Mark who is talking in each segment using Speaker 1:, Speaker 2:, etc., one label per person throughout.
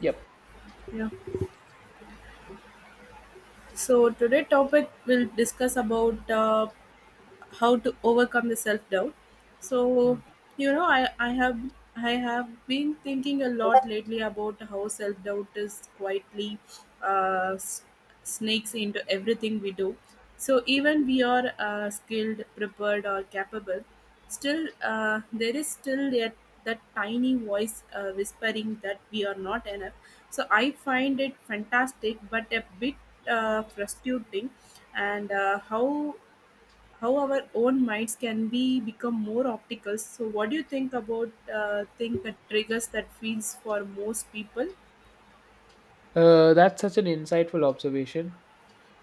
Speaker 1: Yep.
Speaker 2: Yeah. So today topic we'll discuss about how to overcome the self doubt. So
Speaker 1: Hmm.
Speaker 2: you know i i have I have been thinking a lot lately about how self doubt is quietly uh, s- sneaks into everything we do. So even we are skilled, prepared, or capable, still there is still that tiny voice whispering that we are not enough. So I find it fantastic but a bit frustrating, and how our own minds can be become more optical. So what do you think about think that triggers that feels for most people?
Speaker 1: That's such an insightful observation.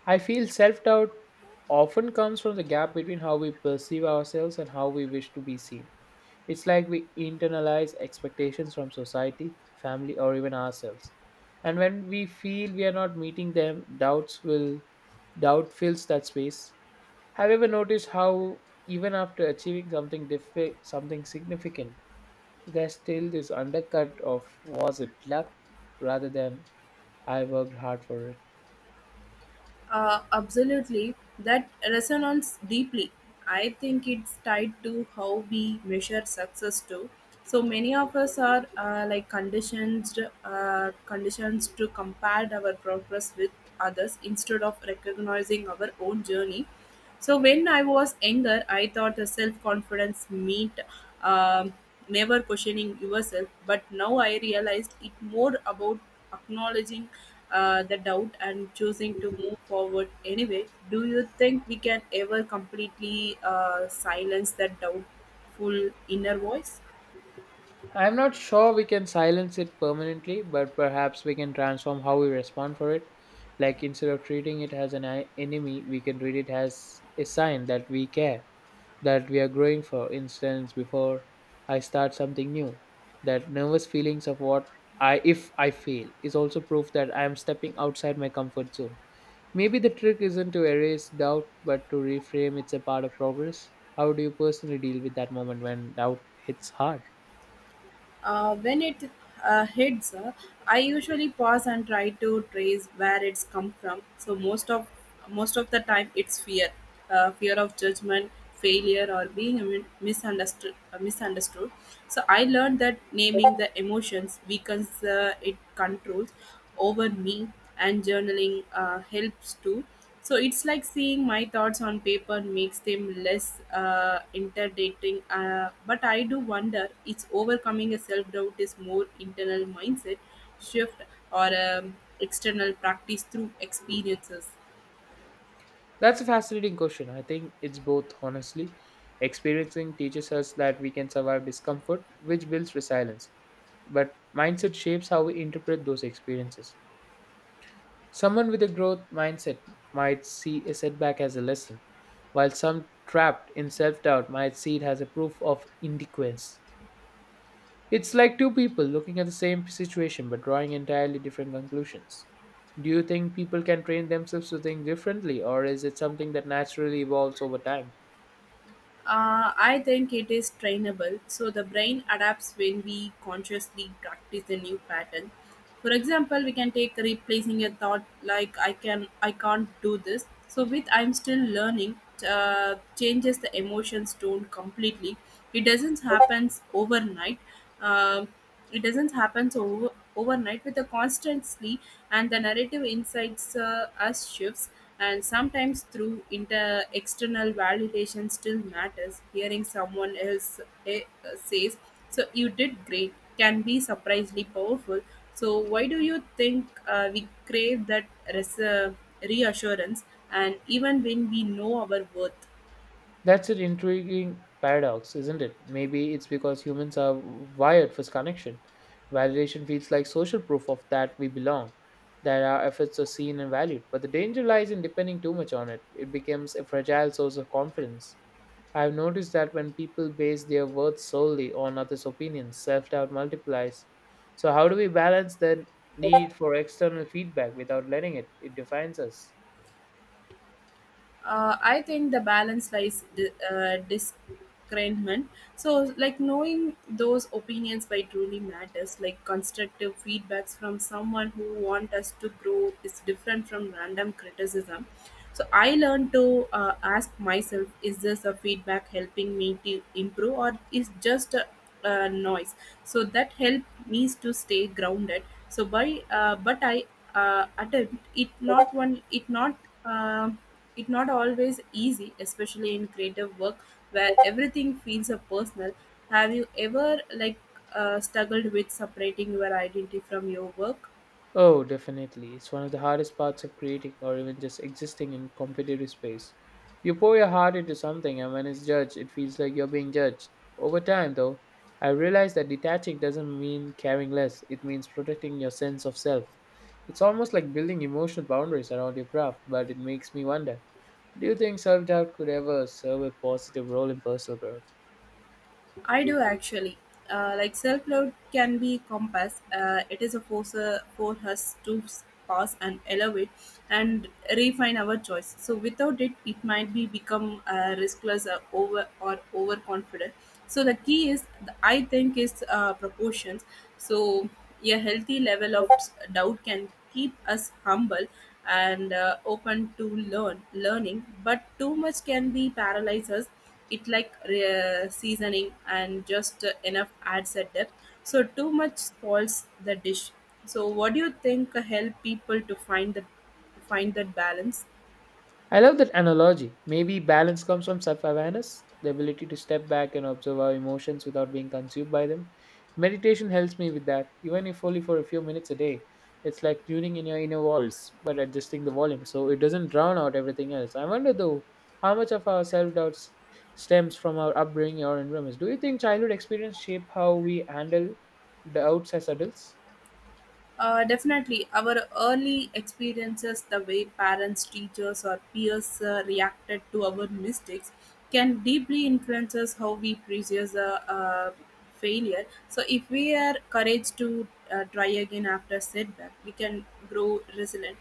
Speaker 1: I feel self doubt often comes from the gap between how we perceive ourselves and how we wish to be seen. It's like we internalize expectations from society, family, or even ourselves. And when we feel we are not meeting them, doubt fills that space. Have you ever noticed how even after achieving something significant, there's still this undercut of was it luck rather than I worked hard for it?
Speaker 2: Absolutely, that resonance deeply. I think it's tied to how we measure success too. So many of us are like conditioned, conditions to compare our progress with others instead of recognizing our own journey. So when I was younger, I thought the self-confidence meant um, never questioning yourself. But now I realized it more about acknowledging the doubt and choosing to move forward anyway. Do you think we can ever completely silence that doubtful inner voice?
Speaker 1: I'm not sure we can silence it permanently, but perhaps we can transform how we respond for it. Like instead of treating it as enemy, we can treat it as a sign that we care, that we are growing. For instance, before I start something new, that nervous feelings of what I if I fail is also proof that I am stepping outside my comfort zone. Maybe the trick isn't to erase doubt, but to reframe it's a part of progress. How do you personally deal with that moment when doubt hits hard?
Speaker 2: When it hits, I usually pause and try to trace where it's come from. So most of the time, it's fear of judgment, failure, or being misunderstood. So I learned that naming the emotions weakens it controls over me, and journaling helps too. So it's like seeing my thoughts on paper makes them less intimidating. But I do wonder, it's overcoming a self doubt is more internal mindset shift or external practice through experiences.
Speaker 1: That's a fascinating question. I think it's both, honestly. Experiencing teaches us that we can survive discomfort, which builds resilience, but mindset shapes how we interpret those experiences. Someone with a growth mindset might see a setback as a lesson, while some trapped in self doubt might see it as a proof of inadequacy. It's like two people looking at the same situation but drawing entirely different conclusions. Do you think people can train themselves to think differently, or is it something that naturally evolves over time?
Speaker 2: I think it is trainable, so the brain adapts when we consciously practice the new pattern. For example, we can take replacing a thought like "I can't do this." So with "I'm still learning," uh, changes the emotions tone completely. It doesn't happens overnight, um, it doesn't happen so overnight with a constantly, and the narrative insights us shifts, and sometimes through inter external validation still matters. Hearing someone else says, "So you did great," can be surprisingly powerful. So why do you think we crave that res- uh, reassurance, and even when we know our worth?
Speaker 1: That's an intriguing paradox, isn't it? Maybe it's because humans are wired for connection. Validation feels like social proof of that we belong, that our efforts are seen and valued. But the danger lies in depending too much on it. It becomes a fragile source of confidence. I've noticed that when people base their worth solely on others' opinions, self doubt multiplies. So, how do we balance the need for external feedback without letting it? It defines us?
Speaker 2: I think the balance lies discernment. So, like knowing those opinions by truly matters. Like constructive feedbacks from someone who want us to grow is different from random criticism. So I learned to ask myself, is this a feedback helping me to improve or is just a noise? So that helped me to stay grounded. So by but I attempt it not one um it not always easy, especially in creative work where everything feels a personal. Have you ever like struggled with separating your identity from your work?
Speaker 1: Oh, definitely. It's one of the hardest parts of creating or even just existing in competitive space. You pour your heart into something, and when it's judged, it feels like you're being judged. Over time, though, I realized that detaching doesn't mean caring less, it means protecting your sense of self. It's almost like building emotional boundaries around your craft, but it makes me wonder, do you think self doubt could ever serve a positive role in personal growth?
Speaker 2: I do actually. Like self love can be compass. It is a force for us to pass and elevate and refine our choice. So without it, it might be become riskless or overconfident. So the key is, I think, is proportions. So a healthy level of doubt can keep us humble and open to learning. But too much can be paralyze us. It like seasoning, and just enough adds a depth. So too much spoils the dish. So what do you think help people to find the to find that balance?
Speaker 1: I love that analogy. Maybe balance comes from self awareness, the ability to step back and observe our emotions without being consumed by them. Meditation helps me with that, even if only for a few minutes a day. It's like tuning in your inner walls, but adjusting the volume so it doesn't drown out everything else. I wonder though, how much of our self doubt stems from our upbringing or environments. Do you think childhood experience shape how we handle doubts as adults?
Speaker 2: Definitely, our early experiences, the way parents, teachers, or peers reacted to our mistakes, can deeply influence us how we perceive the uh, failure. So, if we are courage to try again after setback, we can grow resilient.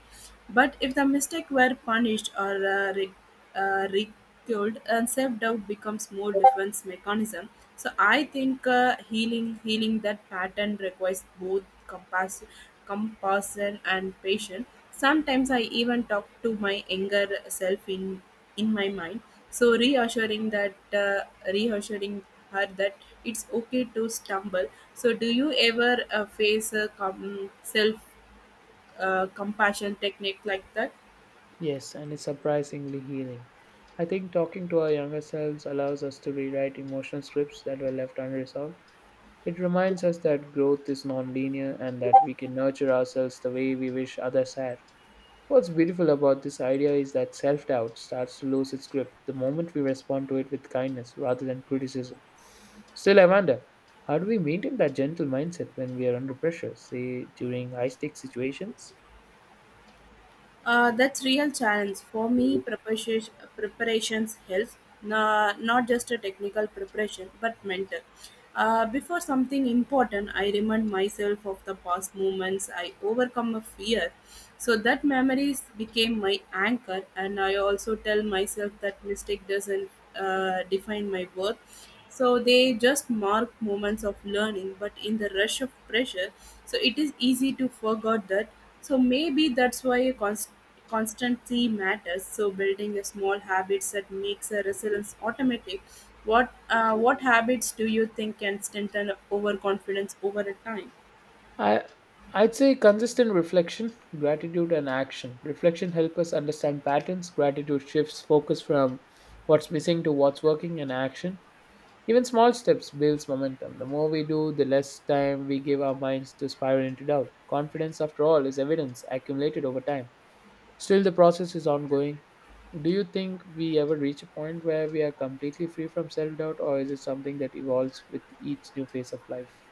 Speaker 2: But if the mistake were punished or ridiculed, and self-doubt becomes more defense mechanism. So I think healing that pattern requires both compassion and patience. Sometimes I even talk to my younger self in my mind. So reassuring her that it's okay to stumble. So do you ever face a self compassion technique like that?
Speaker 1: Yes, and it's surprisingly healing. I think talking to our younger selves allows us to rewrite emotional scripts that were left unresolved. It reminds us that growth is nonlinear and that we can nurture ourselves the way we wish others had. What's beautiful about this idea is that self doubt starts to lose its grip the moment we respond to it with kindness rather than criticism. Still, Amanda, how do we maintain that gentle mindset when we are under pressure, say during high stake situations?
Speaker 2: That's real challenge for me. Preparations helps, na not just a technical preparation, but mental. Before something important, I remind myself of the past moments. I overcome a fear, so that memories became my anchor. And I also tell myself that mistake doesn't define my worth. So they just mark moments of learning, but in the rush of pressure, so it is easy to forget that. So maybe that's why constancy matters. So building a small habits that makes a resilience automatic. What habits do you think can strengthen overconfidence over a time?
Speaker 1: I I'd say consistent reflection, gratitude, and action. Reflection helps us understand patterns. Gratitude shifts focus from what's missing to what's working, and action. Even small steps builds momentum. The more we do, the less time we give our minds to spiral into doubt. Confidence, after all, is evidence accumulated over time. Still, the process is ongoing. Do you think we ever reach a point where we are completely free from self doubt, or is it something that evolves with each new phase of life?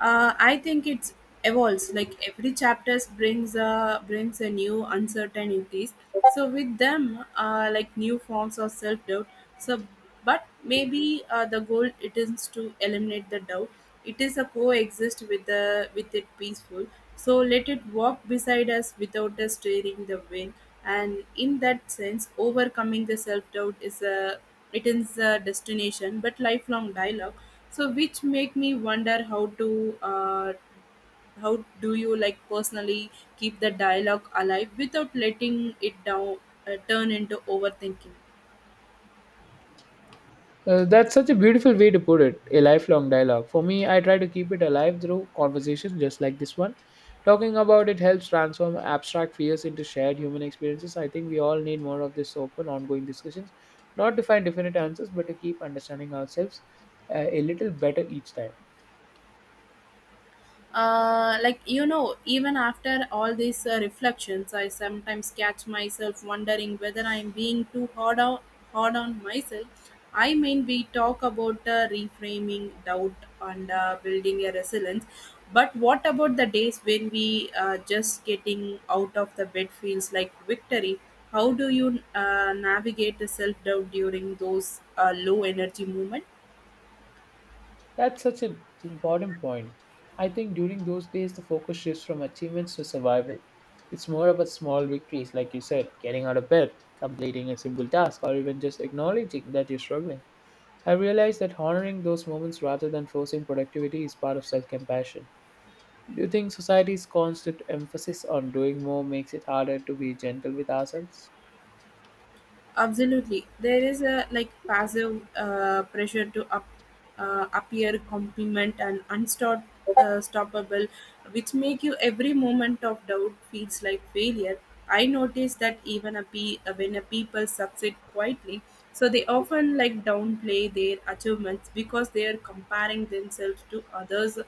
Speaker 2: I think it evolves, like every chapter brings a new uncertainties, so with them like new forms of self-doubt. So but maybe the goal it is to eliminate the doubt. It is a coexist with it peaceful. So let it walk beside us without us steering the wind. And in that sense, overcoming the self-doubt is a it is a destination but lifelong dialogue. So which make me wonder, how do you like personally keep the dialogue alive without letting it down turn into overthinking?
Speaker 1: That's such a beautiful way to put it, a lifelong dialogue. For me, I try to keep it alive through conversations just like this one. Talking about it helps transform abstract fears into shared human experiences. I think we all need more of this open, ongoing discussions, not to find definite answers, but to keep understanding ourselves a little better each time.
Speaker 2: Like even after all these reflections, I sometimes catch myself wondering whether I'm being too hard on myself. I mean we talk about reframing doubt and building a resilience. But what about the days when we just getting out of the bed feels like victory? How do you navigate the self doubt during those low energy moments?
Speaker 1: That's such an important point. I think during those days, the focus shifts from achievements to survival. It's more about small victories, like you said, getting out of bed, completing a simple task, or even just acknowledging that you're struggling. I realized that honoring those moments rather than forcing productivity is part of self compassion. Do you think society's constant emphasis on doing more makes it harder to be gentle with ourselves?
Speaker 2: Absolutely, there is a like passive pressure to appear compliment and unstoppable, uh, stoppable, which make you every moment of doubt feels like failure. I notice that even when a people succeed quietly, so they often like downplay their achievements because they are comparing themselves to others'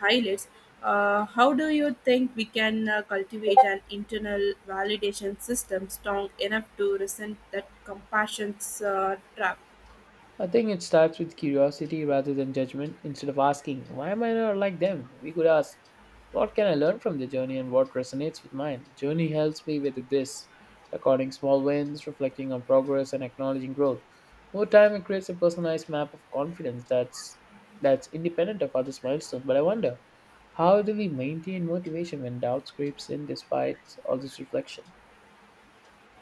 Speaker 2: highlights. How do you think we can cultivate an internal validation system strong enough to resent that compassion's trap?
Speaker 1: I think it starts with curiosity rather than judgment. Instead of asking, why am I not like them? We could ask, what can I learn from their journey and what resonates with mine? Journey helps me with this, recording small wins, reflecting on progress, and acknowledging growth. Over time, it creates a personalized map of confidence that's independent of others' milestones. But I wonder, how do we maintain motivation when doubt creeps in despite all this reflection?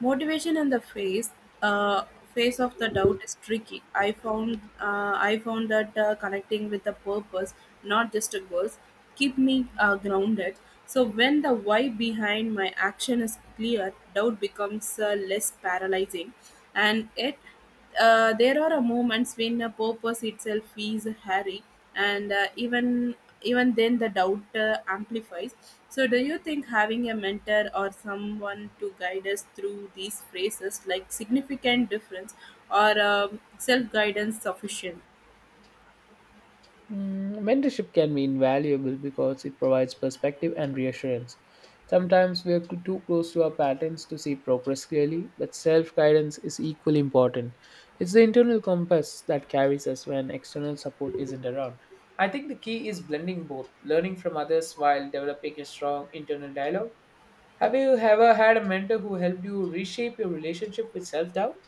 Speaker 2: Motivation in the uh, face of the doubt is tricky. I found that connecting with the purpose, not just a goals, keep me grounded. So when the why behind my action is clear, doubt becomes less paralyzing, and it. There are a moments when a purpose itself is hairy, and even then the doubt amplifies. So, do you think having a mentor or someone to guide us through these phrases, like significant difference or self guidance, sufficient?
Speaker 1: Mm, mentorship can be invaluable because it provides perspective and reassurance. Sometimes we are too close to our patterns to see progress clearly, but self guidance is equally important. It's the internal compass that carries us when external support isn't around. I think the key is blending both, learning from others while developing a strong internal dialogue. Have you ever had a mentor who helped you reshape your relationship with self doubt?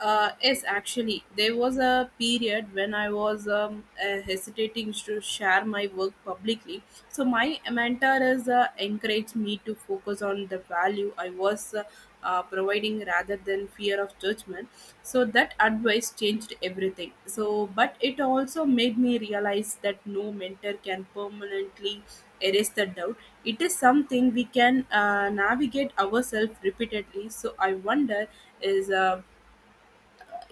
Speaker 2: Yes, actually, there was a period when I was hesitating to share my work publicly. So my mentor has encouraged me to focus on the value I was providing rather than fear of judgment. So that advice changed everything. So, but it also made me realize that no mentor can permanently erase the doubt. It is something we can navigate ourselves repeatedly. So I wonder is. Uh,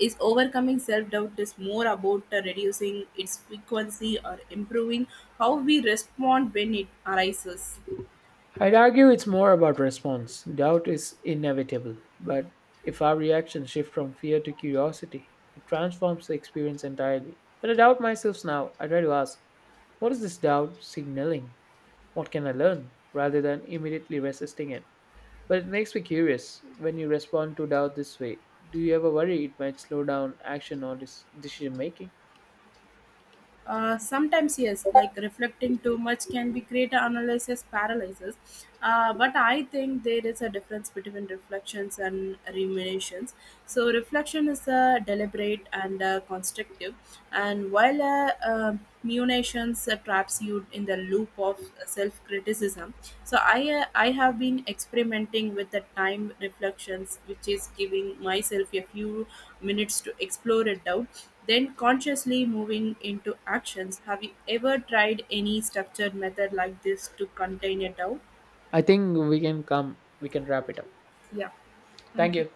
Speaker 2: is overcoming self doubt is more about reducing its frequency or improving how we respond when it arises.
Speaker 1: I'd argue it's more about response. Doubt is inevitable, but if our reactions shift from fear to curiosity, it transforms the experience entirely. When I doubt myself now, I try to ask, what is this doubt signaling? What can I learn, rather than immediately resisting it? But it makes me curious when you respond to doubt this way. Do you ever worry it might slow down action or decision making?
Speaker 2: Sometimes yes, like reflecting too much can be create analysis paralysis. But I think there is a difference between reflections and ruminations. So reflection is deliberate and constructive, and while ruminations traps you in the loop of self criticism. So I have been experimenting with the time reflections, which is giving myself a few minutes to explore a doubt then consciously moving into actions. Have you ever tried any structured method like this to contain a doubt?
Speaker 1: I think we can come, we can wrap it up.
Speaker 2: Yeah.
Speaker 1: Thank
Speaker 2: Thank you.
Speaker 1: you.